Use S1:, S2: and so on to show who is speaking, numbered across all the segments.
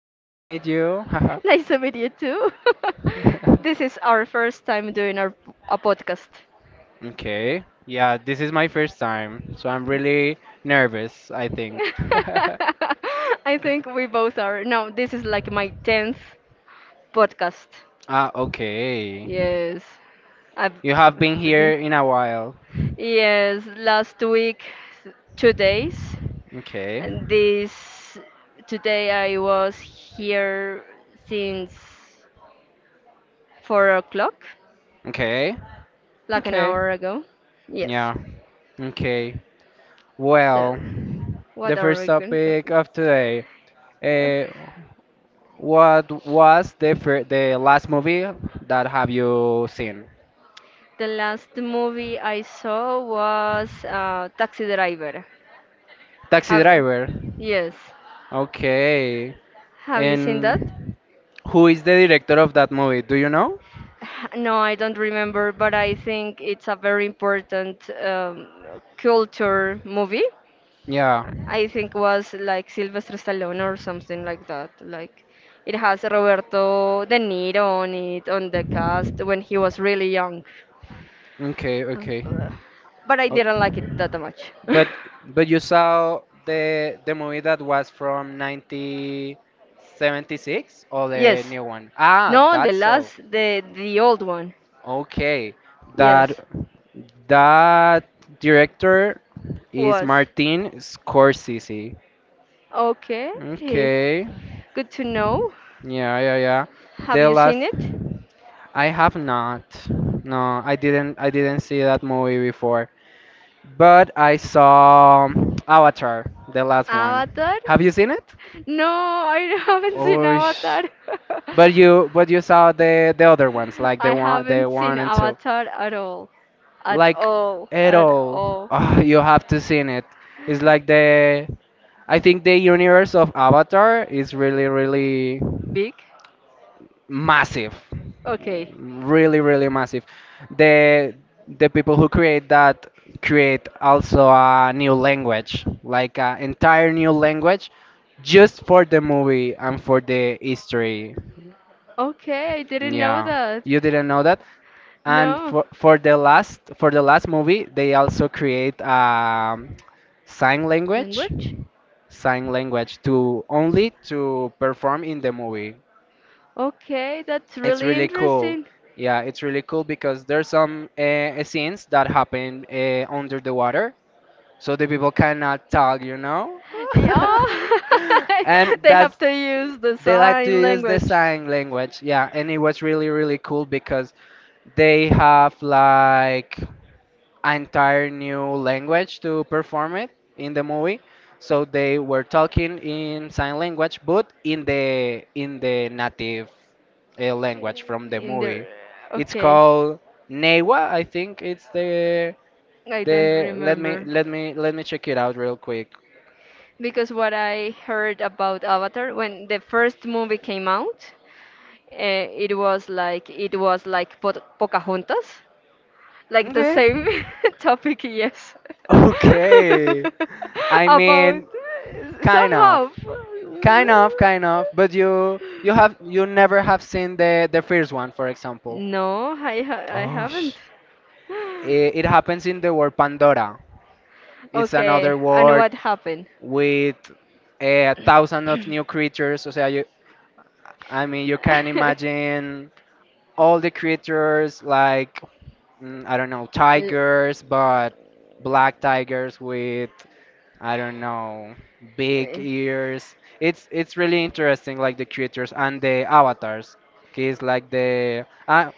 S1: Nice to meet you.
S2: Nice to meet you too. This is our first time doing our a podcast.
S1: Okay. Yeah, this is my first time, so I'm really nervous, I think.
S2: I think we both are. No, this is like my 10th podcast.
S1: Ah, okay.
S2: Yes. I've,
S1: You have been
S2: I've
S1: here
S2: d-
S1: in a while.
S2: yes, last week, 2 days.
S1: Okay.
S2: And this today I was here since 4 o'clock,
S1: Okay.
S2: like an
S1: Okay.
S2: hour ago. Yes.
S1: Yeah. Okay. Well,
S2: So,
S1: the
S2: what are
S1: first
S2: we going to?
S1: topic of today.
S2: Eh,
S1: Uh, what was the last movie that have you seen?
S2: The last movie I saw was Taxi Driver.
S1: Taxi
S2: Have,
S1: Driver.
S2: yes.
S1: Okay.
S2: Have you seen that?
S1: And who is the director of that movie? Do you know?
S2: No, I don't remember, but I think it's a very important culture movie.
S1: Yeah.
S2: I think was like Sylvester Stallone or something like that. Like it has Roberto De Niro on it on the cast when he was really young.
S1: Okay,
S2: Um,
S1: okay.
S2: bu- But I
S1: O-
S2: didn't like it that much.
S1: But but you saw the movie that was from 1976 or the
S2: Yes.
S1: new one? Ah,
S2: No, the
S1: that's all.
S2: last the old one.
S1: Okay. That
S2: Yes.
S1: that director is
S2: Was.
S1: Martin Scorsese.
S2: Okay.
S1: Okay.
S2: Good to know.
S1: Yeah, yeah, yeah.
S2: Have
S1: The
S2: you
S1: last
S2: seen it?
S1: I have not. No, I didn't. I didn't see that movie before. But I saw Avatar, the last one.
S2: Avatar?
S1: Have you seen it?
S2: No, I haven't seen
S1: Oh, sh-
S2: Avatar.
S1: but you saw the other ones, like
S2: I
S1: the
S2: haven't seen
S1: one and two.
S2: Avatar at all. At
S1: Like
S2: all.
S1: at
S2: At
S1: all,
S2: all.
S1: ah, you have to seen it. It's like the I think the universe of Avatar is really really
S2: Big?
S1: massive.
S2: Okay.
S1: Really really massive, the the people who create that create also a new language, like an entire new language just for the movie and for the history.
S2: Okay, I didn't know
S1: Yeah,
S2: that.
S1: you didn't know that. And
S2: No.
S1: for the last movie they also create sign language,
S2: Language?
S1: sign language, to only to perform in the movie.
S2: Okay, that's
S1: It's
S2: really
S1: really cool.
S2: interesting.
S1: Yeah, it's really cool because there's some scenes that happen under the water, so the people cannot talk, you know?
S2: Oh,
S1: And
S2: they have
S1: that's
S2: to use the
S1: they like to
S2: sign
S1: use the
S2: language
S1: sign language. Yeah, and it was really really cool because they have like an entire new language to perform it in the movie. So they were talking in sign language, but in the native language from the
S2: in their.
S1: movie. It's
S2: Okay,
S1: called Newa, I think it's the
S2: I don't
S1: let me
S2: remember.
S1: let me let me check it out real quick.
S2: Because what I heard about Avatar when the first movie came out, it was like po Pocahontas, like the
S1: Okay.
S2: same topic, yes.
S1: Okay. I
S2: About
S1: mean, kind of,
S2: somehow.
S1: kind of, but you have you never have seen the first one, for example.
S2: No, I
S1: Oh,
S2: haven't.
S1: sh- it, it happens in the world Pandora. It's
S2: Okay,
S1: another
S2: and
S1: world
S2: what happened?
S1: with a thousand of new creatures. O sea, you, I mean, you can imagine all the creatures like, mm, I don't know,
S2: Uh,
S1: tigers, but black tigers with, I don't know, big
S2: uh,
S1: ears. It's really interesting, like the creatures and the avatars. Kids like the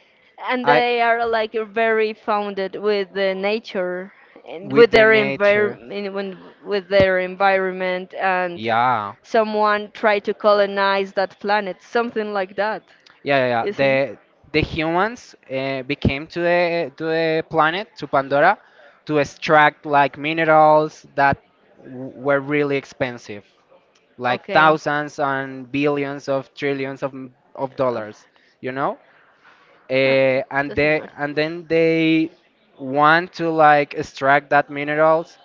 S2: and
S1: I
S2: they are like very founded with the nature and
S1: with
S2: with
S1: the
S2: their
S1: nature.
S2: environment and
S1: Yeah.
S2: someone tried to colonize that planet something like that
S1: Yeah, yeah, yeah.
S2: isn't
S1: The humans became to the planet to Pandora to extract like minerals that were really expensive, like
S2: okay.
S1: thousands and billions of trillions of of
S2: Uh,
S1: dollars, you know?
S2: no, it
S1: And
S2: doesn't
S1: they
S2: matter.
S1: and then they want to like extract that minerals,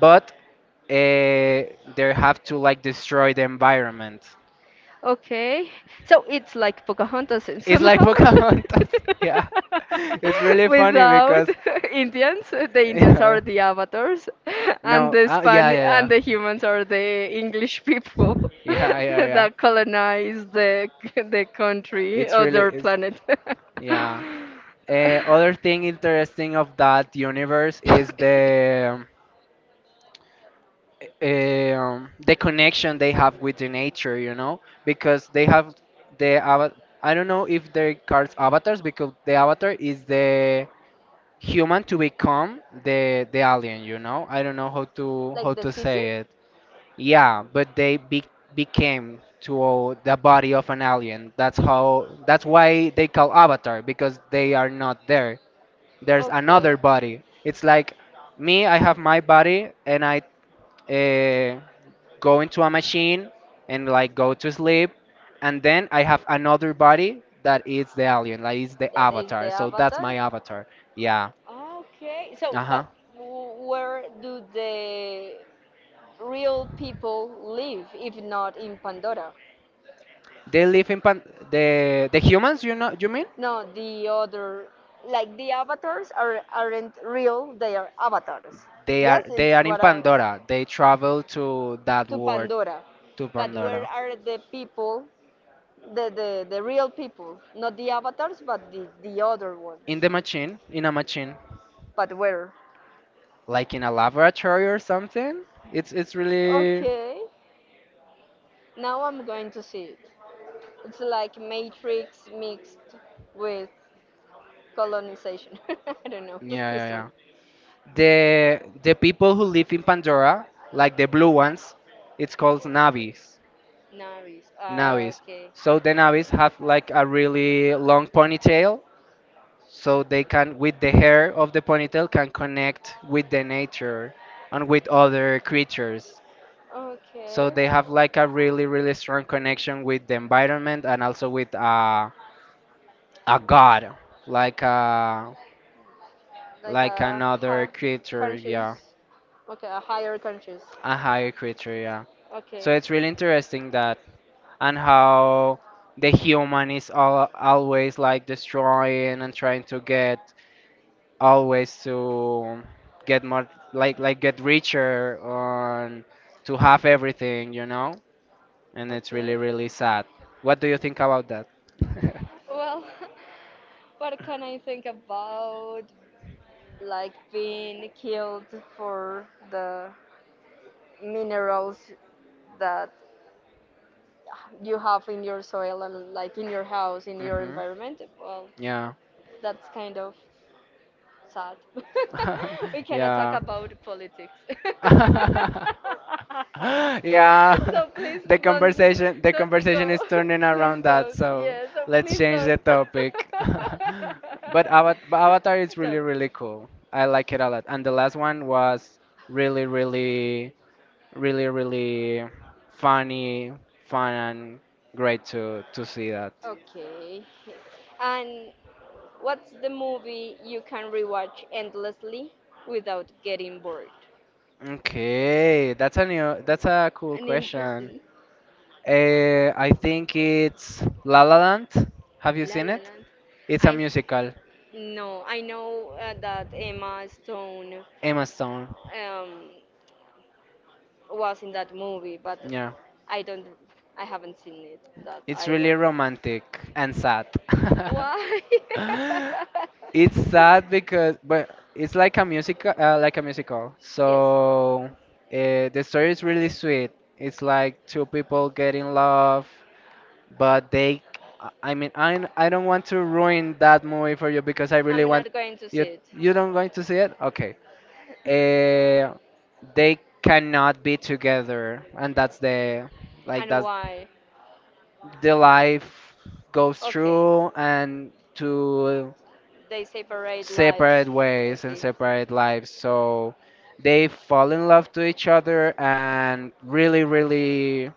S1: but uh, they have to like destroy the environment.
S2: Okay, so it's like Pocahontas in
S1: It's like
S2: somehow
S1: Pocahontas. Yeah. It's really funny
S2: without
S1: because
S2: Indians. The Indians
S1: yeah.
S2: are the avatars, and
S1: No.
S2: the
S1: Yeah,
S2: Span
S1: yeah,
S2: and the
S1: yeah.
S2: humans are the English people
S1: Yeah, yeah, yeah.
S2: that colonize the country
S1: It's
S2: or
S1: really
S2: their
S1: it's
S2: planet.
S1: yeah. Other thing interesting of that universe is the connection they have with the nature, you know, because they have the I don't know if they cards avatars because the avatar is the human to become the alien, you know. I don't know how
S2: Like the
S1: to
S2: species?
S1: say it. Yeah, but they became to the body of an alien. That's how. That's why they call Avatar because they are not there. There's another
S2: Okay.
S1: body. It's like me. I have my body, and I uh, go into a machine and like go to sleep, and then I have another body that is the alien, like is the
S2: That is the
S1: Avatar. So that's
S2: avatar.
S1: my Avatar. Yeah.
S2: Okay, so
S1: Uh huh.
S2: but w- where do the real people live if not in Pandora?
S1: They live in pan- the humans. You know? You mean?
S2: No, the other, like the avatars are aren't real; they are avatars.
S1: They are
S2: Yes, it's
S1: in
S2: what I
S1: Pandora. They travel to that
S2: to
S1: world
S2: Pandora.
S1: to
S2: But where
S1: Pandora.
S2: are the people, the real people, not the avatars, but the other ones?
S1: In the machine, in a machine,
S2: But where?
S1: like in a laboratory or something. It's really
S2: Okay, now I'm going to see it. It's like Matrix mixed with colonization. I don't know
S1: yeah yeah
S2: history.
S1: yeah. The the people who live in Pandora, like the blue ones, it's called Navis.
S2: Navis. Ah,
S1: Navis.
S2: okay.
S1: So the Navis have like a really long ponytail, so they can with the hair of the ponytail can connect with the nature and with other creatures.
S2: Okay.
S1: So they have like a really, really strong connection with the environment and also with a god, like a
S2: Like
S1: like
S2: a hi-
S1: another creature, yeah,
S2: conscious. Okay, a higher conscious.
S1: a higher creature, yeah.
S2: Okay.
S1: So it's really interesting that and how the human is all, always like destroying and trying to get always to get more like get richer on to have everything, you know? And it's
S2: Okay.
S1: really, really sad. What do you think about that?
S2: Well, what can I think about like being killed for the minerals that you have in your soil and like in your house, in your
S1: Mhm.
S2: environment, well,
S1: Yeah.
S2: that's kind of sad. we cannot talk
S1: Yeah.
S2: about politics.
S1: Yeah.
S2: So please
S1: The conversation the
S2: don't
S1: conversation
S2: go.
S1: is turning
S2: Please
S1: around that,
S2: don't.
S1: so
S2: Yeah, so
S1: let's
S2: please
S1: change the
S2: don't.
S1: topic. But but Avatar is
S2: Sorry.
S1: really really cool. I like it a lot. And the last one was really really really really funny, fun and great to see that.
S2: Okay. And what's the movie you can rewatch endlessly without getting bored?
S1: Okay, that's that's a cool
S2: And
S1: question.
S2: interesting.
S1: I think it's La La Land. Have you
S2: La
S1: seen
S2: La
S1: it?
S2: Land.
S1: It's a
S2: I
S1: musical.
S2: No, I know that Emma Stone
S1: Emma Stone.
S2: uh, um, was in that movie, but
S1: Yeah,
S2: I don't. I haven't seen it that
S1: it's
S2: either.
S1: really romantic and sad.
S2: Why?
S1: It's sad because, but it's like a musical, like a musical.
S2: Yes.
S1: So the story is really sweet. It's like two people get in love but they I mean I don't want to ruin that movie for you because I really
S2: I'm
S1: want
S2: not going to
S1: you
S2: see it.
S1: you don't going to see it okay. uh, they cannot be together and that's the like
S2: And
S1: that's
S2: why?
S1: the life goes
S2: Okay.
S1: through and to
S2: They separate lives.
S1: separate ways and
S2: Okay.
S1: separate lives. So they fall in love to each other and really, really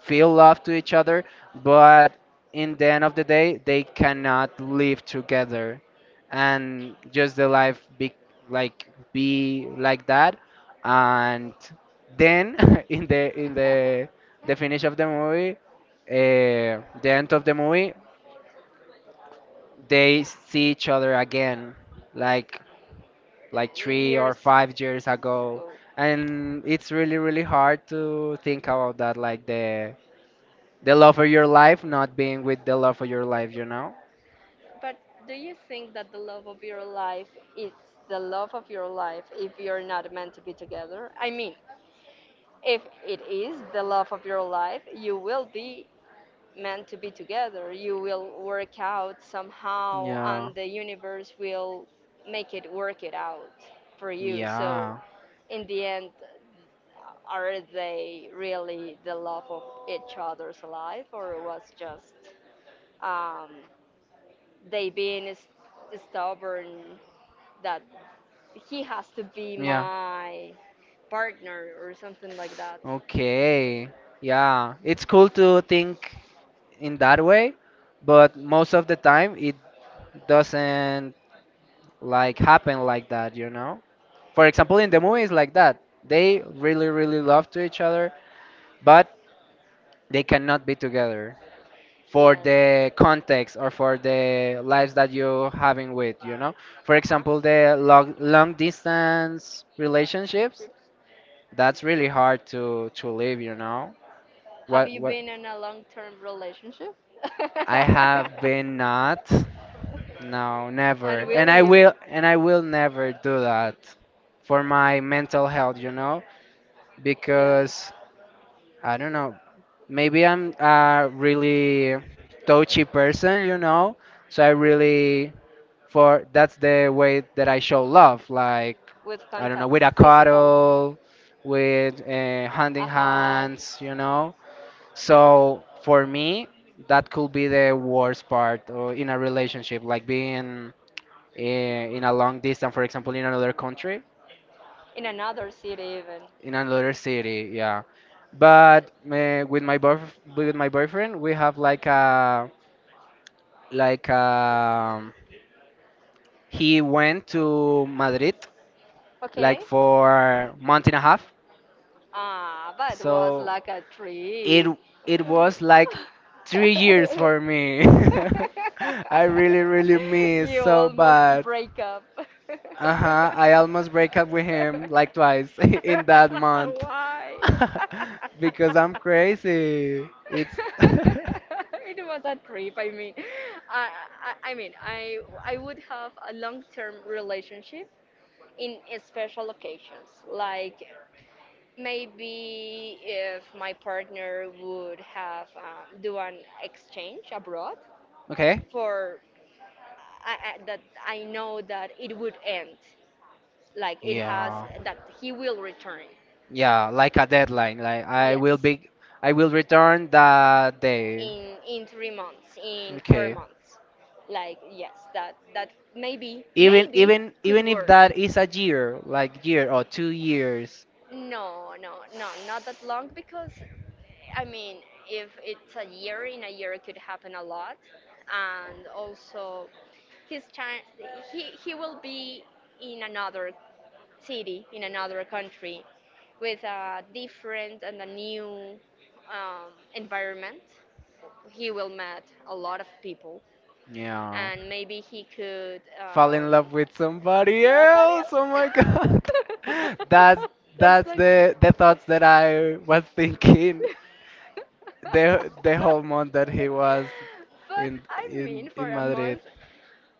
S1: feel love to each other. But in the end of the day, they cannot live together. And just the life be like that. And then in the the finish of the movie, the end of the movie, they see each other again. Like like three or
S2: Years
S1: five years ago
S2: ago.
S1: and it's really really hard to think about that like the love of your life not being with the love of your life, you know.
S2: But do you think that the love of your life is the love of your life if you're not meant to be together? I mean, if it is the love of your life, you will be meant to be together. You will work out somehow,
S1: Yeah,
S2: and the universe will make it work it out for you.
S1: yeah,
S2: So, in the end, are they really the love of each other's life, or was just um, they being stubborn that he has to be
S1: yeah.
S2: my partner or something like that?
S1: Okay. Yeah, it's cool to think in that way, but most of the time it doesn't like happen like that, you know? For example, in the movies like that, they really really love to each other, but they cannot be together for
S2: Yes.
S1: the context or for the lives that you're having with, you know? For
S2: Uh huh.
S1: example, the long long distance relationships,
S2: Groups.
S1: that's really hard to live, you know?
S2: Have you
S1: What
S2: been in a long term relationship?
S1: I have been not. No, never.
S2: And
S1: And
S2: will
S1: I
S2: you?
S1: will never do that for my mental health, you know?
S2: Yes.
S1: Because I don't know, maybe I'm a really touchy person, you know? So I
S2: Wi-
S1: really for that's the way that I show love, like
S2: With
S1: I don't know,
S2: contact,
S1: with a
S2: physical,
S1: cuddle, with handing
S2: a hug,
S1: hands, you know? So for me, that could be the worst part in a relationship, like being in a long distance, for example, in another country,
S2: in another city even.
S1: in another city. Yeah, but with my boyf with my boyfriend, we have like a, he went to Madrid like
S2: Okay.
S1: for month and a half.
S2: Ah, but it was
S1: So
S2: like a
S1: it
S2: trip.
S1: it was like 3 years for me. I really really miss
S2: You
S1: so
S2: almost
S1: bad.
S2: break up.
S1: Uh-huh, I almost break up with him like twice in that month
S2: Why?
S1: because I'm crazy. It's
S2: It was a trip. I mean, I, I I mean, I I would have a long-term relationship in special occasions, like maybe if my partner would have do an exchange abroad
S1: okay.
S2: for I, that I know that it would end, like it has
S1: Yeah.
S2: that he will return.
S1: Yeah, like a deadline. Like I will
S2: Yes,
S1: be I will return that day.
S2: in 3 months, in four
S1: Okay.
S2: months, like yes, that that
S1: Even
S2: maybe
S1: even even
S2: could
S1: if
S2: work.
S1: that is a year, like year or 2 years.
S2: No, no, no, not that long because I mean, if it's a year, in a year it could happen a lot, and also his child, he will be in another city, in another country, with a different and a new environment. He will meet a lot of people,
S1: Yeah.
S2: and maybe he could
S1: Fall in love with somebody
S2: somebody
S1: else. Oh
S2: else.
S1: my god. That's
S2: That's
S1: that's
S2: like.
S1: the thoughts that I was thinking the whole month that he was
S2: But
S1: in
S2: I
S1: in
S2: mean, for
S1: in
S2: a
S1: Madrid.
S2: month,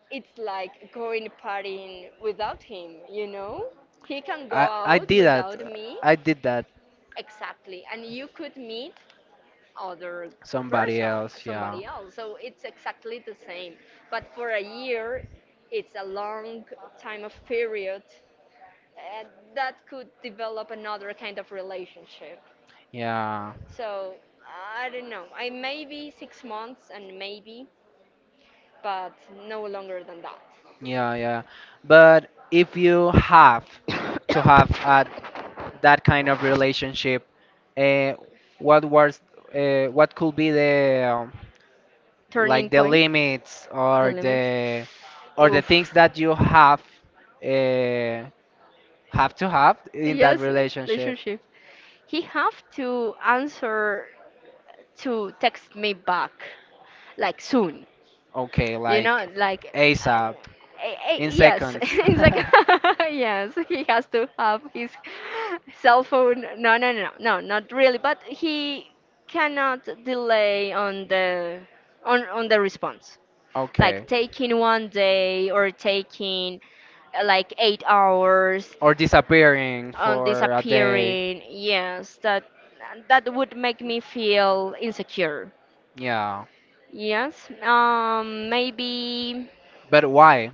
S2: it's like going partying without him, you know? He can go
S1: I
S2: out
S1: did that.
S2: without me.
S1: I did that.
S2: Exactly. And you could meet other
S1: Somebody
S2: person,
S1: else. Yeah.
S2: somebody else. So it's exactly the same. But for a year, it's a long time of period and that could develop another kind of relationship.
S1: Yeah.
S2: So I don't know. I maybe 6 months and maybe, but no longer than
S1: Yeah, yeah. But if you have to have
S2: that.
S1: a that kind of relationship uh, what was what could be the
S2: Turning
S1: like the
S2: point,
S1: limits
S2: the limit.
S1: or the things
S2: Oof.
S1: that you uh, have to have in that
S2: Yes,
S1: relationship
S2: relationship. He have to answer to text me back, like soon.
S1: okay
S2: You
S1: like
S2: know, like, um,
S1: asap in
S2: yes,
S1: seconds
S2: it's like, yes, he has to have his cell phone. No, no, no, no, not really. But he cannot delay on the on the response.
S1: okay
S2: Like taking one day or taking like 8 hours
S1: or disappearing
S2: on
S1: for a day
S2: disappearing. Yes, that that would make me feel insecure.
S1: yeah
S2: Yes, maybe
S1: but why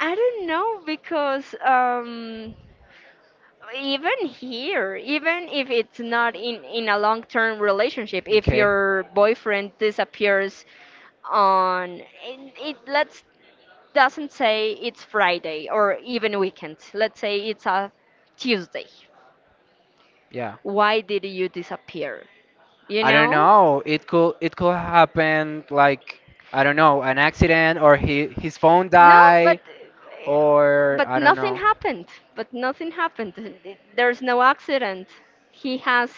S2: I don't know because even here, even if it's not in a long term relationship, if
S1: okay
S2: your boyfriend disappears on it, let's doesn't say it's Friday or even weekend. Let's say it's a Tuesday.
S1: yeah.
S2: Why did you disappear? You
S1: I don't
S2: know?
S1: know. It could happen like I don't know, an accident or he, his phone
S2: No,
S1: die or
S2: but
S1: I don't
S2: nothing
S1: know.
S2: happened. But nothing happened. There's no accident. He has.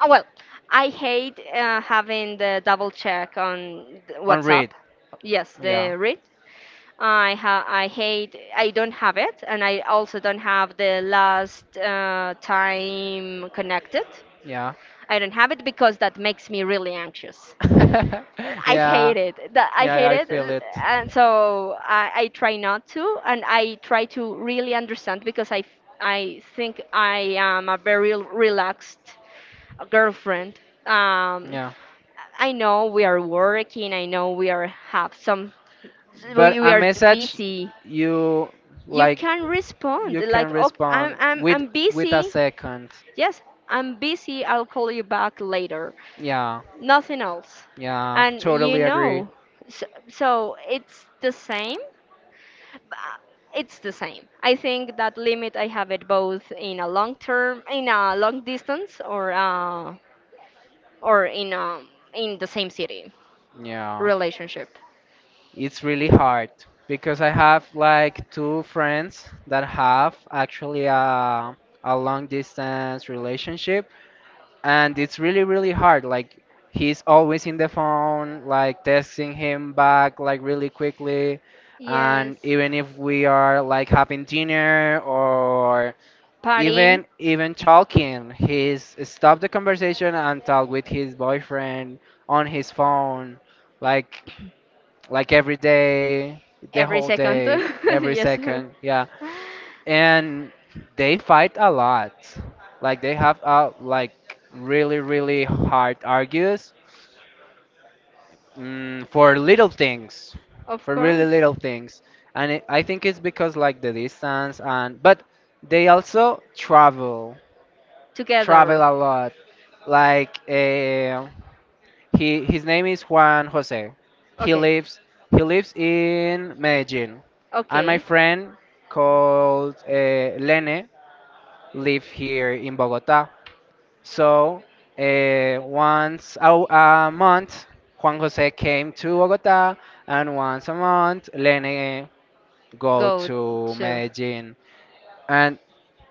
S2: Oh, well, I hate having the double check on the WhatsApp.
S1: Unread.
S2: Yes,
S1: Yeah.
S2: the read. I hate. I don't have it, and I also don't have the last time connected.
S1: Yeah.
S2: I don't have it because that makes me really anxious. I
S1: yeah.
S2: hate it. That I
S1: Yeah,
S2: hate
S1: I
S2: it,
S1: feel it.
S2: and so I try not to, and I try to really understand because I think I am a very relaxed girlfriend. Um,
S1: Yeah.
S2: I know we are working. I know we are have some.
S1: But
S2: We
S1: a
S2: are
S1: message
S2: busy.
S1: you
S2: You
S1: like
S2: can respond
S1: you can
S2: like, "Oh,
S1: respond
S2: I'm
S1: with a
S2: busy.
S1: second.
S2: Yes, I'm busy. I'll call you back later."
S1: Yeah.
S2: Nothing else.
S1: Yeah,
S2: And you
S1: totally agree.
S2: know, so it's the same. But It's the same. I think that limit I have it both in a long term, in a long distance, or in in the same city
S1: Yeah,
S2: relationship.
S1: it's really hard because I have like two friends that have actually a long distance relationship, and it's really really hard. Like he's always in the phone, like texting him back like really quickly,
S2: Yes,
S1: and even if we are like having dinner or
S2: partying
S1: even even talking, he's stopped the conversation and talked with his boyfriend on his phone, like like every day, the
S2: every
S1: whole
S2: second.
S1: day, every
S2: Yes,
S1: second, yeah. And they fight a lot. Like they have like really really hard argues mm, for little things,
S2: of
S1: for really
S2: course,
S1: little things. And I think it's because like the distance and but they also travel
S2: together.
S1: a lot. Like he his name is Juan Jose. He
S2: Okay.
S1: lives he lives in Medellin, and my
S2: Okay.
S1: friend called Lene live here in Bogota. So once a month, Juan Jose came to Bogota, and once a month, Lene go
S2: Go
S1: to
S2: to.
S1: Medellin, and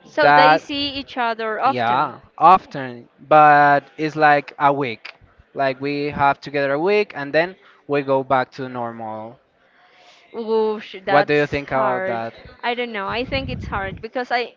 S2: So they
S1: that.
S2: see each other often.
S1: Yeah, often, but it's like a week. Like we have together a week and then we go back to normal.
S2: Whoosh,
S1: What do you
S2: that's
S1: think about
S2: hard.
S1: that?
S2: I don't know. I think it's hard because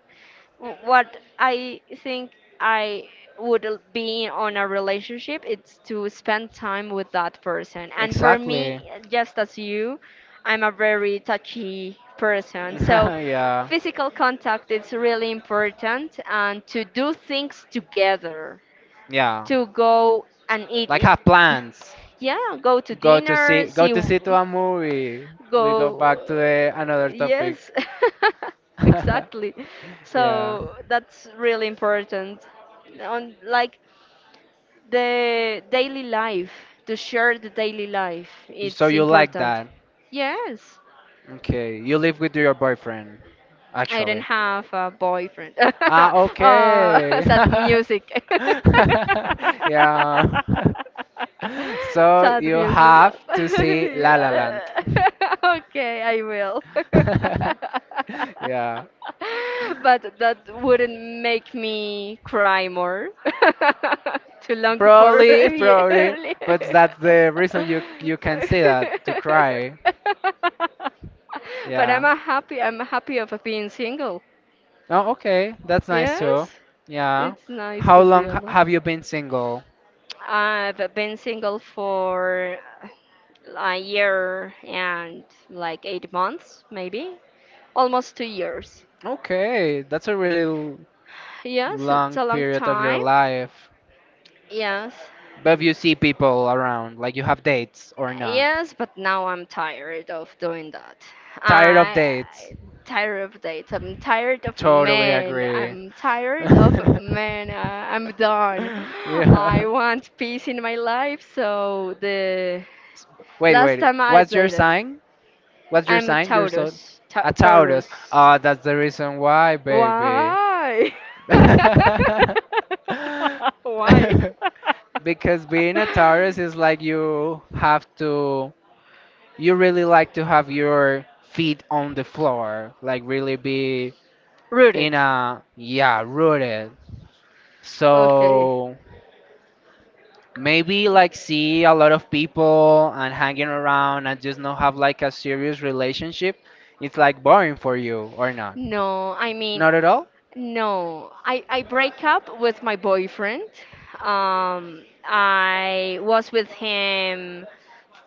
S2: what I think I would be on a relationship, it's to spend time with that person. And for
S1: Exactly.
S2: me, just as you, I'm a very touchy person. So
S1: Yeah.
S2: physical contact is really important and to do things together,
S1: Yeah.
S2: to go and eat
S1: Like
S2: it.
S1: have plans.
S2: Yeah, go to
S1: Go to
S2: dinner,
S1: see go to see to a movie. We go
S2: go
S1: back to another topic.
S2: yes exactly,
S1: Yeah.
S2: so that's really important on like the daily life to share the daily life,
S1: So
S2: it's
S1: you like
S2: important.
S1: that.
S2: Yes,
S1: Okay. You live with your boyfriend,
S2: I don't
S1: actually.
S2: have a boyfriend.
S1: Ah, okay.
S2: Sad music.
S1: Yeah. So
S2: sad
S1: you
S2: music.
S1: have to see La La Land.
S2: Yeah. Okay, I will.
S1: Yeah.
S2: But that wouldn't make me cry more. Too long for
S1: Probably,
S2: yearly.
S1: but that's the reason you can see that to cry.
S2: But I'm
S1: Yeah.
S2: a happy. I'm happy of being single.
S1: Oh, okay. That's nice too.
S2: Yes,
S1: Yeah.
S2: it's nice
S1: How
S2: to be
S1: long
S2: alone.
S1: have you been single?
S2: I've been single for a year and like 8 months, maybe almost 2 years.
S1: Okay, that's a really
S2: Yes, it's
S1: long
S2: a long
S1: period of your
S2: time.
S1: life,
S2: Yes.
S1: but you see people around, like you have dates or not.
S2: Yes, but now I'm tired of doing that.
S1: Tired of
S2: I
S1: dates?
S2: I'm tired of dates. I'm tired of
S1: Totally
S2: men.
S1: agree.
S2: I'm done. I
S1: Yeah.
S2: want peace in my life. So the
S1: S- Wait,
S2: last
S1: wait.
S2: time I
S1: What's your
S2: dated,
S1: sign? What's your
S2: I'm
S1: sign? You're so
S2: Taurus. Ta
S1: a Taurus.
S2: Taurus.
S1: Ah, that's the reason why, baby.
S2: Why? Why?
S1: Because being a Taurus is like you really like to have your feet on the floor, like really be in
S2: Rooted.
S1: a yeah, rooted.
S2: Okay.
S1: So maybe like see a lot of people and hanging around and just not have like a serious relationship. It's like boring for you or not?
S2: No, I mean,
S1: Not at all?
S2: no. I break up with my boyfriend. I was with him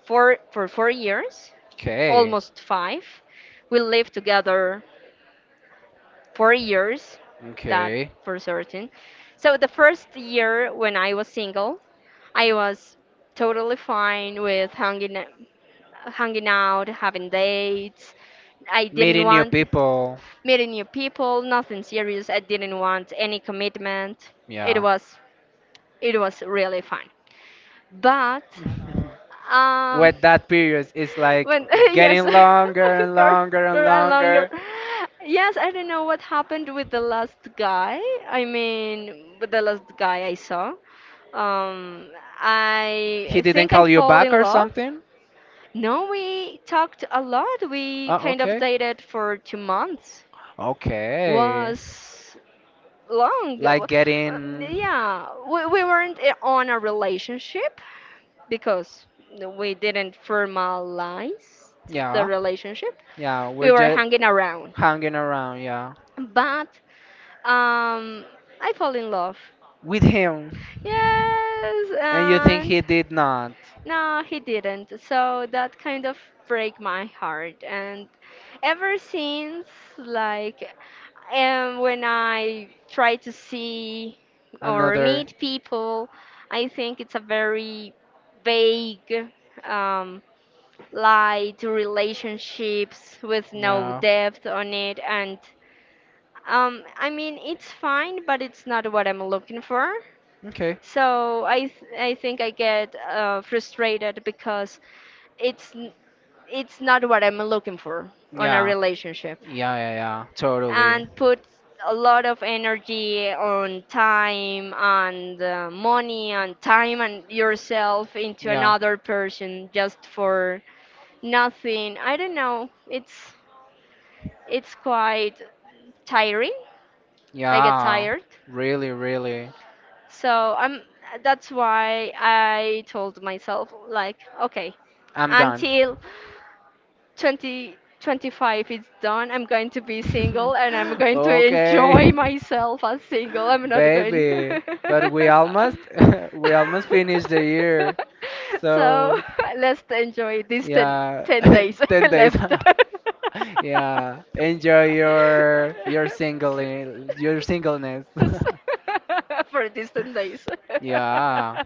S2: for 4 years,
S1: Okay.
S2: almost five. We lived together 4 years, that
S1: Okay.
S2: for certain. So the first year when I was single, I was totally fine with hanging out, having dates. I didn't
S1: Meeting new
S2: want
S1: people.
S2: meeting new people, nothing serious. I didn't want any commitment. It
S1: Yeah.
S2: was it was really fun. But um
S1: With that period it's like
S2: when yes
S1: getting longer and
S2: girl,
S1: longer and
S2: girl and longer.
S1: longer.
S2: Yes, I don't know what happened with the last guy. I mean with the last guy I saw. Um
S1: He
S2: I
S1: didn't
S2: think I
S1: call you
S2: fall
S1: back
S2: in
S1: or
S2: love.
S1: something?
S2: No, we talked a lot. We
S1: Oh,
S2: kind of
S1: okay.
S2: dated for 2 months.
S1: Okay.
S2: Was long.
S1: Like getting,
S2: Yeah, we weren't on a relationship because we didn't formalize the
S1: yeah,
S2: relationship.
S1: yeah, we're
S2: We were
S1: just
S2: hanging around.
S1: hanging around, yeah,
S2: But um, I fall in love.
S1: with him.
S2: Yes,
S1: And you think
S2: and
S1: he did not?
S2: no, he didn't. So that kind of break my heart. And ever since, like, when I try to see or
S1: Another,
S2: meet people, I think it's a very vague, um, light relationships with no
S1: yeah.
S2: depth on it. And I mean, it's fine, but it's not what I'm looking for.
S1: Okay.
S2: So I think I get frustrated because it's n- it's not what I'm looking for on a
S1: Yeah.
S2: relationship,
S1: Yeah, yeah, yeah. Totally.
S2: and put a lot of energy on time and money and time and yourself into
S1: Yeah.
S2: another person just for nothing. I don't know, it's quite tiring. I get
S1: Yeah.
S2: tired.
S1: Really, really.
S2: So I'm, that's why I told myself like, okay,
S1: I'm done.
S2: until 2025, 25 is done, I'm going to be single and I'm going to
S1: Okay.
S2: enjoy myself as single. I'm not going.
S1: Baby, but we almost we almost finished the year.
S2: So
S1: So,
S2: let's enjoy these ten
S1: yeah,
S2: ten days
S1: 10 days.
S2: left.
S1: Yeah, enjoy your singleness.
S2: For these 10 days.
S1: Yeah,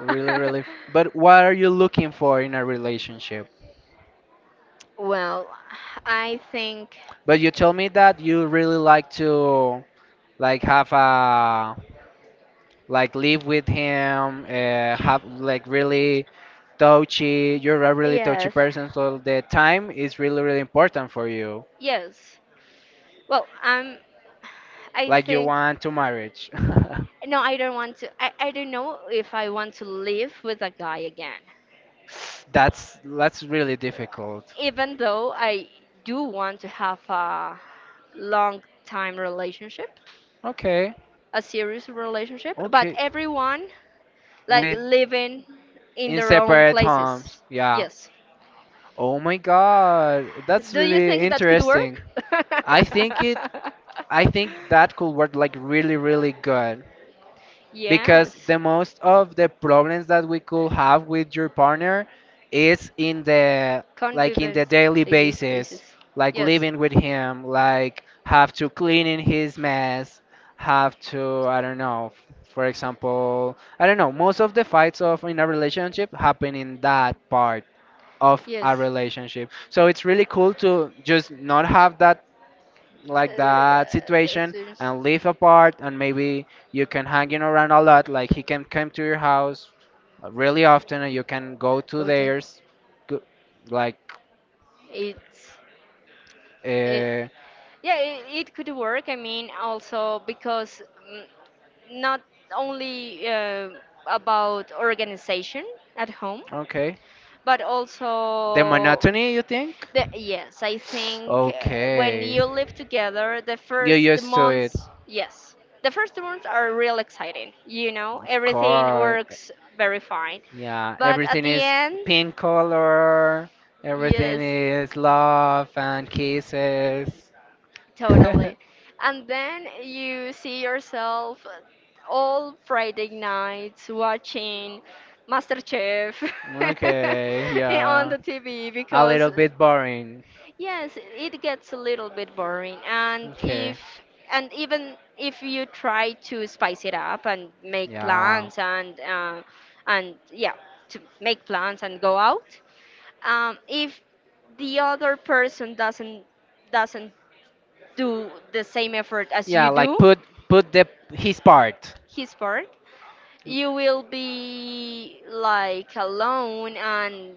S1: really really. But what are you looking for in a relationship?
S2: Well, I think
S1: But you told me that you really like to like have a like live with him, have like really touchy you're a really touchy
S2: yes,
S1: person so the time is really really important for you
S2: yes. Well, I
S1: like you
S2: think
S1: want to marriage.
S2: no, I don't want to. I don't know if I want to live with a guy again.
S1: That's really difficult.
S2: Even though I do want to have a long time relationship,
S1: Okay,
S2: a serious relationship, but
S1: okay
S2: everyone like
S1: with,
S2: living in
S1: in
S2: their own
S1: separate homes,
S2: places.
S1: yeah.
S2: Yes.
S1: Oh my god, that's
S2: Do you
S1: really
S2: think that could
S1: interesting.
S2: work?
S1: I think it i think that could work like really really good because
S2: Yes.
S1: the most of the problems that we could have with your partner is in the like in the
S2: Convivence.
S1: daily
S2: Daily
S1: basis,
S2: basis.
S1: like
S2: Yes.
S1: living with him, like have to clean in his mess, have to, I don't know, for example, I don't know most of the fights of in a relationship happen in that part of a
S2: Yes.
S1: relationship, so it's really cool to just not have that, like that
S2: Yeah, that
S1: situation,
S2: seems
S1: and live apart, and maybe you can hanging around a lot, like he can come to your house, really often and you can go to
S2: go to.
S1: theirs. Go, like
S2: It's it,
S1: uh,
S2: yeah. It could work. I mean, also because mm, not only about organization at home,
S1: okay
S2: but
S1: the
S2: also
S1: monotony you think.
S2: the, yes, I think when
S1: Okay,
S2: you live together, the
S1: you're
S2: first
S1: used to it,
S2: months, yes, the first months are real exciting. You know,
S1: of
S2: everything
S1: course,
S2: works very fine,
S1: yeah
S2: but at
S1: everything
S2: the
S1: is
S2: end,
S1: pink color, everything
S2: yes,
S1: is love and kisses.
S2: totally. And then you see yourself all Friday nights watching MasterChef
S1: Okay,
S2: on
S1: yeah.
S2: the TV
S1: A
S2: because,
S1: little bit boring.
S2: yes, it gets a little bit boring, and
S1: Okay.
S2: if and even if you try to spice it up and make
S1: Yeah.
S2: plans and yeah, to make plans and go out, if the other person doesn't do the same effort as
S1: Yeah,
S2: you
S1: like
S2: do,
S1: put put the his part.
S2: his part, you will be like alone and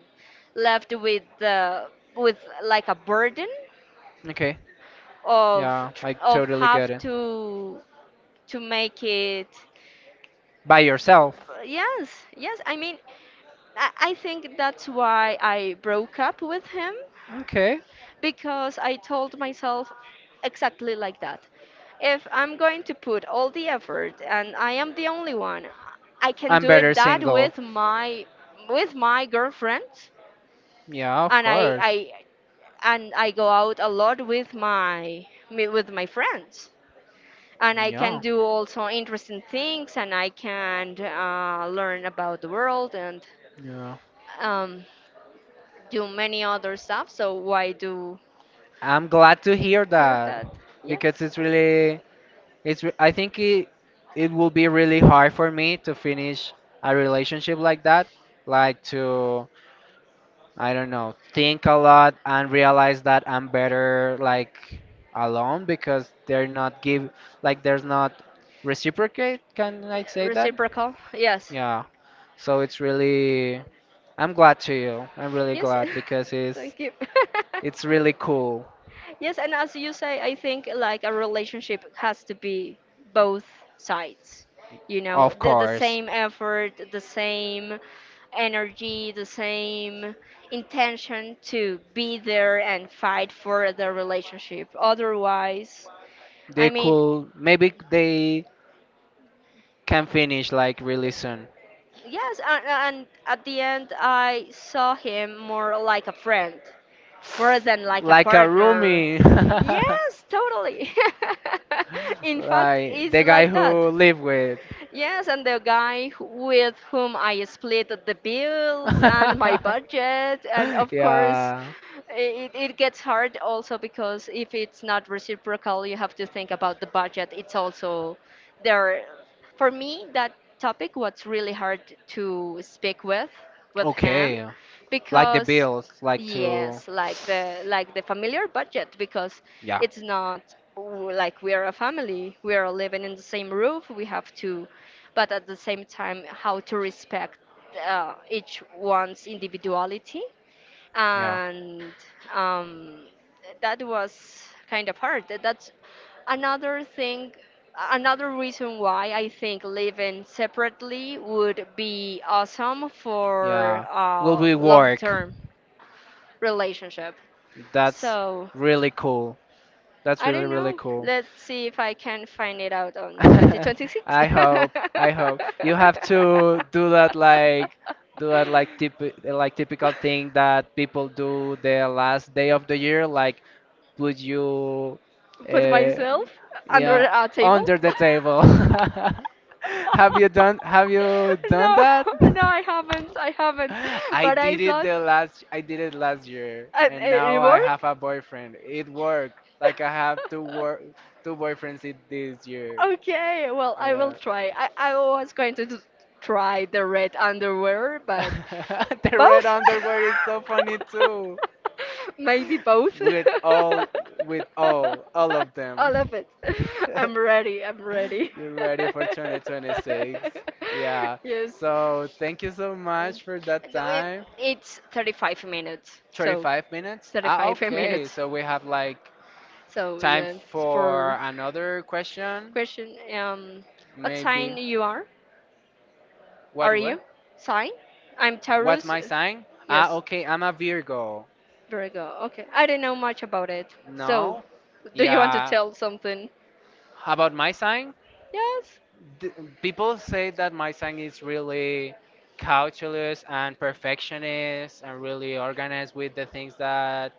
S2: left with the with like a burden
S1: Okay.
S2: of
S1: Yeah, I totally get
S2: have
S1: it.
S2: to make it.
S1: By yourself.
S2: Yes, yes, I mean, I think that's why I broke up with him
S1: Okay.
S2: because I told myself exactly like that. If I'm going to put all the effort and I am the only one, I can
S1: I'm
S2: do
S1: better
S2: it that
S1: single.
S2: with my girlfriend.
S1: Yeah, of
S2: and i
S1: course.
S2: i and I go out a lot with my with my friends, and I can
S1: Yeah.
S2: do also interesting things, and I can learn about the world and
S1: Yeah.
S2: um, do many other stuff. So why do
S1: I'm glad to hear
S2: hear
S1: that
S2: that? Yes.
S1: because it's really I think it will be really hard for me to finish a relationship like that, like to, I don't know, think a lot and realize that I'm better like alone because they're not give like there's not reciprocate, can I say that?
S2: Reciprocal. Yes.
S1: Yeah. So it's really I'm glad to you. I'm really
S2: Yes.
S1: glad because
S2: Thank you.
S1: it's really cool,
S2: Yes, and as you say, I think like a relationship has to be both sides. You know,
S1: of
S2: the
S1: course.
S2: same effort, the same energy, the same intention to be there and fight for the relationship. Otherwise, I
S1: They
S2: mean,
S1: could, maybe they can finish like really soon.
S2: yes, and at the end, I saw him more like a friend, more than like a
S1: Like a
S2: partner.
S1: roomie,
S2: Yes, totally. In fact,
S1: like
S2: it's
S1: the guy
S2: like that.
S1: who live with.
S2: Yes, and the guy who- with whom I split the bills and my budget, and of course,
S1: Yeah.
S2: it gets hard also because if it's not reciprocal, you have to think about the budget. It's also there. For me, that topic was really hard to speak with him
S1: Okay. Like the
S2: because
S1: bills, like to
S2: yes, like the familiar budget because
S1: yeah,
S2: it's not like we are a family. We are living in the same roof. We have to, but at the same time, how to respect each one's individuality,
S1: yeah,
S2: and um, that was kind of hard. That's another thing, another reason why I think living separately would be awesome for
S1: yeah. Will we
S2: long
S1: work?
S2: term relationship.
S1: That's
S2: So
S1: really cool. That's
S2: I
S1: really
S2: don't
S1: really
S2: know.
S1: cool.
S2: Let's see if I can find it out on 2026.
S1: I hope, I hope you have to do that, like do that like typ like typical thing that people do the last day of the year, like put you,
S2: Put
S1: uh,
S2: myself under
S1: yeah,
S2: a table.
S1: under the table. Have you done
S2: No,
S1: that?
S2: no, I haven't. I haven't. But I thought
S1: I did it last year
S2: and
S1: and
S2: it
S1: now
S2: it
S1: I
S2: worked.
S1: have a boyfriend. It worked. Like I have two boyfriends it this year.
S2: Okay, well, I will
S1: Yeah.
S2: try. I was going to just try the red underwear, but
S1: The red
S2: both?
S1: underwear is so funny too.
S2: Maybe both.
S1: With all, with all of
S2: I
S1: them.
S2: love it.
S1: You
S2: I'm ready. I'm ready.
S1: ready for 2026. Yeah.
S2: Yes.
S1: So thank you so much for that
S2: No, it,
S1: time.
S2: it's 35 minutes. So,
S1: 35 minutes? Ah,
S2: 35
S1: okay.
S2: minutes.
S1: So we have like
S2: So,
S1: time
S2: yeah, it's
S1: for
S2: for
S1: another question.
S2: question. What
S1: Maybe.
S2: sign you are?
S1: What,
S2: Are
S1: what?
S2: you? Sign? I'm
S1: What's
S2: Taurus.
S1: my sign? Ah,
S2: Yes,
S1: okay. I'm a Virgo.
S2: Virgo. Okay, I do not know much about it. So,
S1: No?
S2: do you want to
S1: Yeah.
S2: tell something?
S1: How about my sign?
S2: Yes.
S1: th- People say that my song is really cautious and perfectionist and really organized with the things that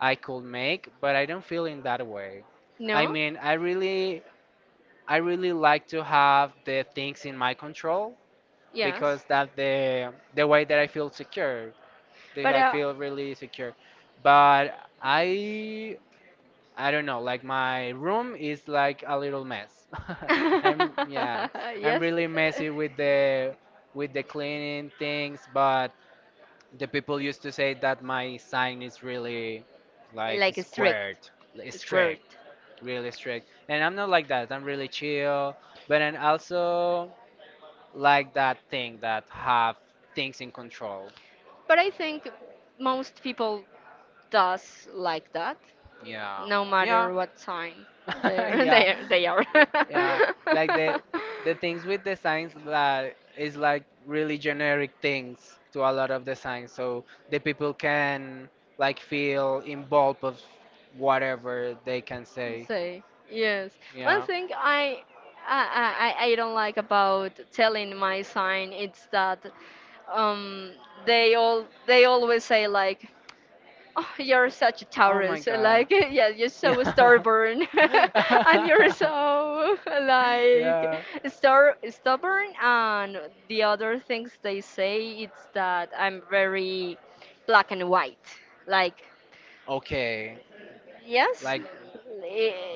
S1: I could make, but I don't feel in that way. I
S2: No?
S1: mean, I really like to have the things in my control because
S2: Yes.
S1: that's the way that I feel secure. That
S2: But
S1: I feel really secure. But I I don't know, like my room is like a little mess. I'm yeah, I'm
S2: yes.
S1: really messy with the cleaning things, but the people used to say that my sign is really like
S2: Like strict,
S1: squared, like, strict,
S2: squirt.
S1: really strict. And I'm not like that. I'm really chill, but I also like that thing that have things in control.
S2: But I think most people does like that,
S1: Yeah.
S2: no
S1: Yeah.
S2: matter what sign they're,
S1: Yeah,
S2: they are.
S1: yeah, like the things with the signs that is like really generic things to a lot of the signs, so the people can like feel involved of whatever they can say.
S2: Say, yes. One
S1: Yeah,
S2: thing I I, I I don't like about telling my sign it's that um they all they always say like, oh, you're such a
S1: oh my
S2: Taurus.
S1: god,
S2: Like, yeah, you're so
S1: yeah.
S2: stubborn, and you're so like
S1: Yeah,
S2: star stubborn. And the other things they say it's that I'm very black and white. Like,
S1: okay,
S2: yes,
S1: like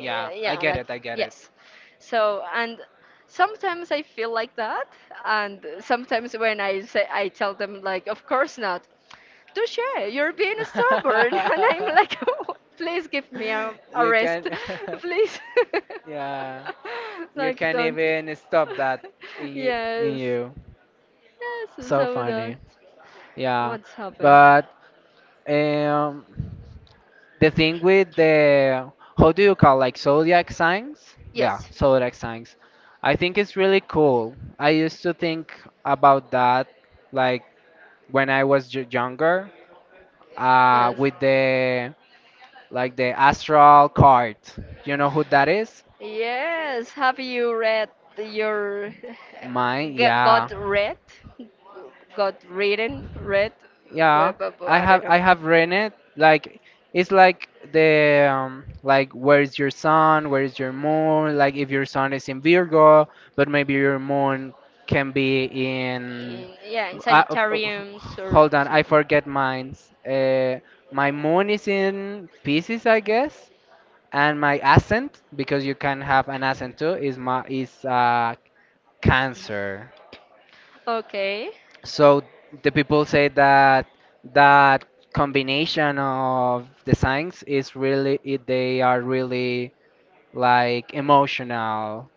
S1: yeah i
S2: yeah,
S1: get
S2: like
S1: it i get it.
S2: yes. So and sometimes I feel like that, and sometimes when I say I tell them like, of course not. Touche, you're being stubborn. And I'm like, please give me a
S1: You can,
S2: rest. Please.
S1: yeah, you
S2: Like,
S1: can
S2: don't.
S1: even stop that in you, in
S2: Yes.
S1: you.
S2: Yes,
S1: So
S2: so that.
S1: funny, yeah.
S2: What's happened?
S1: But um, the thing with the how do you call like zodiac signs? Yeah,
S2: Yes.
S1: zodiac signs. I think it's really cool. I used to think about that like when I was y younger,
S2: Yes.
S1: with the like the astral card. You know who that is?
S2: Yes. Have you read your.
S1: Mine, yeah.
S2: Got read? Got written? Read?
S1: Yeah,
S2: I don't
S1: I
S2: know.
S1: have read it. Like it's like the like where is your sun? Where is your moon? Like if your sun is in Virgo, but maybe your moon can be in.
S2: In yeah in
S1: Uh, uh, uh,
S2: Sagittarians or
S1: Hold on, I
S2: something.
S1: forget mines. My moon is in Pisces, I guess, and my ascent, because you can have an ascent too, is my is Cancer.
S2: Okay.
S1: So the people say that that combination of the signs is really they are really like emotional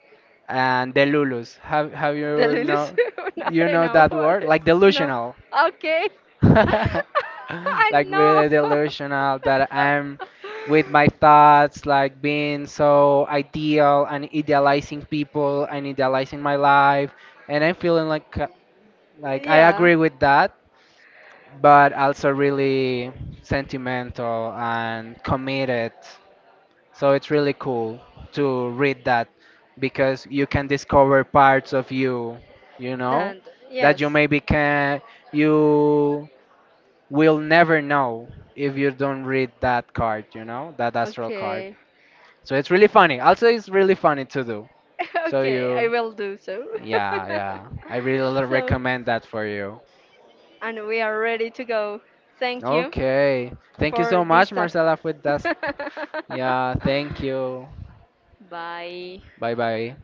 S1: and delulus. Have
S2: The Lulus? No, I
S1: you
S2: don't
S1: know
S2: know
S1: that
S2: what
S1: word
S2: it
S1: like
S2: is. No.
S1: delusional,
S2: Okay. I
S1: like
S2: know.
S1: really delusional that I'm with my thoughts like being so ideal and idealizing people and idealizing my life and I'm feeling like I
S2: Yeah.
S1: agree with that, but also really sentimental and committed. So it's really cool to read that because you can discover parts of you, you know,
S2: Then
S1: that you
S2: yes.
S1: maybe can you will never know if you don't read that card, you know, that astral card.
S2: Okay.
S1: So it's really funny. Also, it's really funny to do. So
S2: Okay, I
S1: you,
S2: will do so.
S1: yeah, yeah, I really
S2: So,
S1: recommend that for you.
S2: and we are ready to go. Thank you
S1: Okay, thank you
S2: for
S1: so much,
S2: this talk.
S1: Marcela, for that. Yeah, thank you.
S2: Bye.
S1: Bye bye.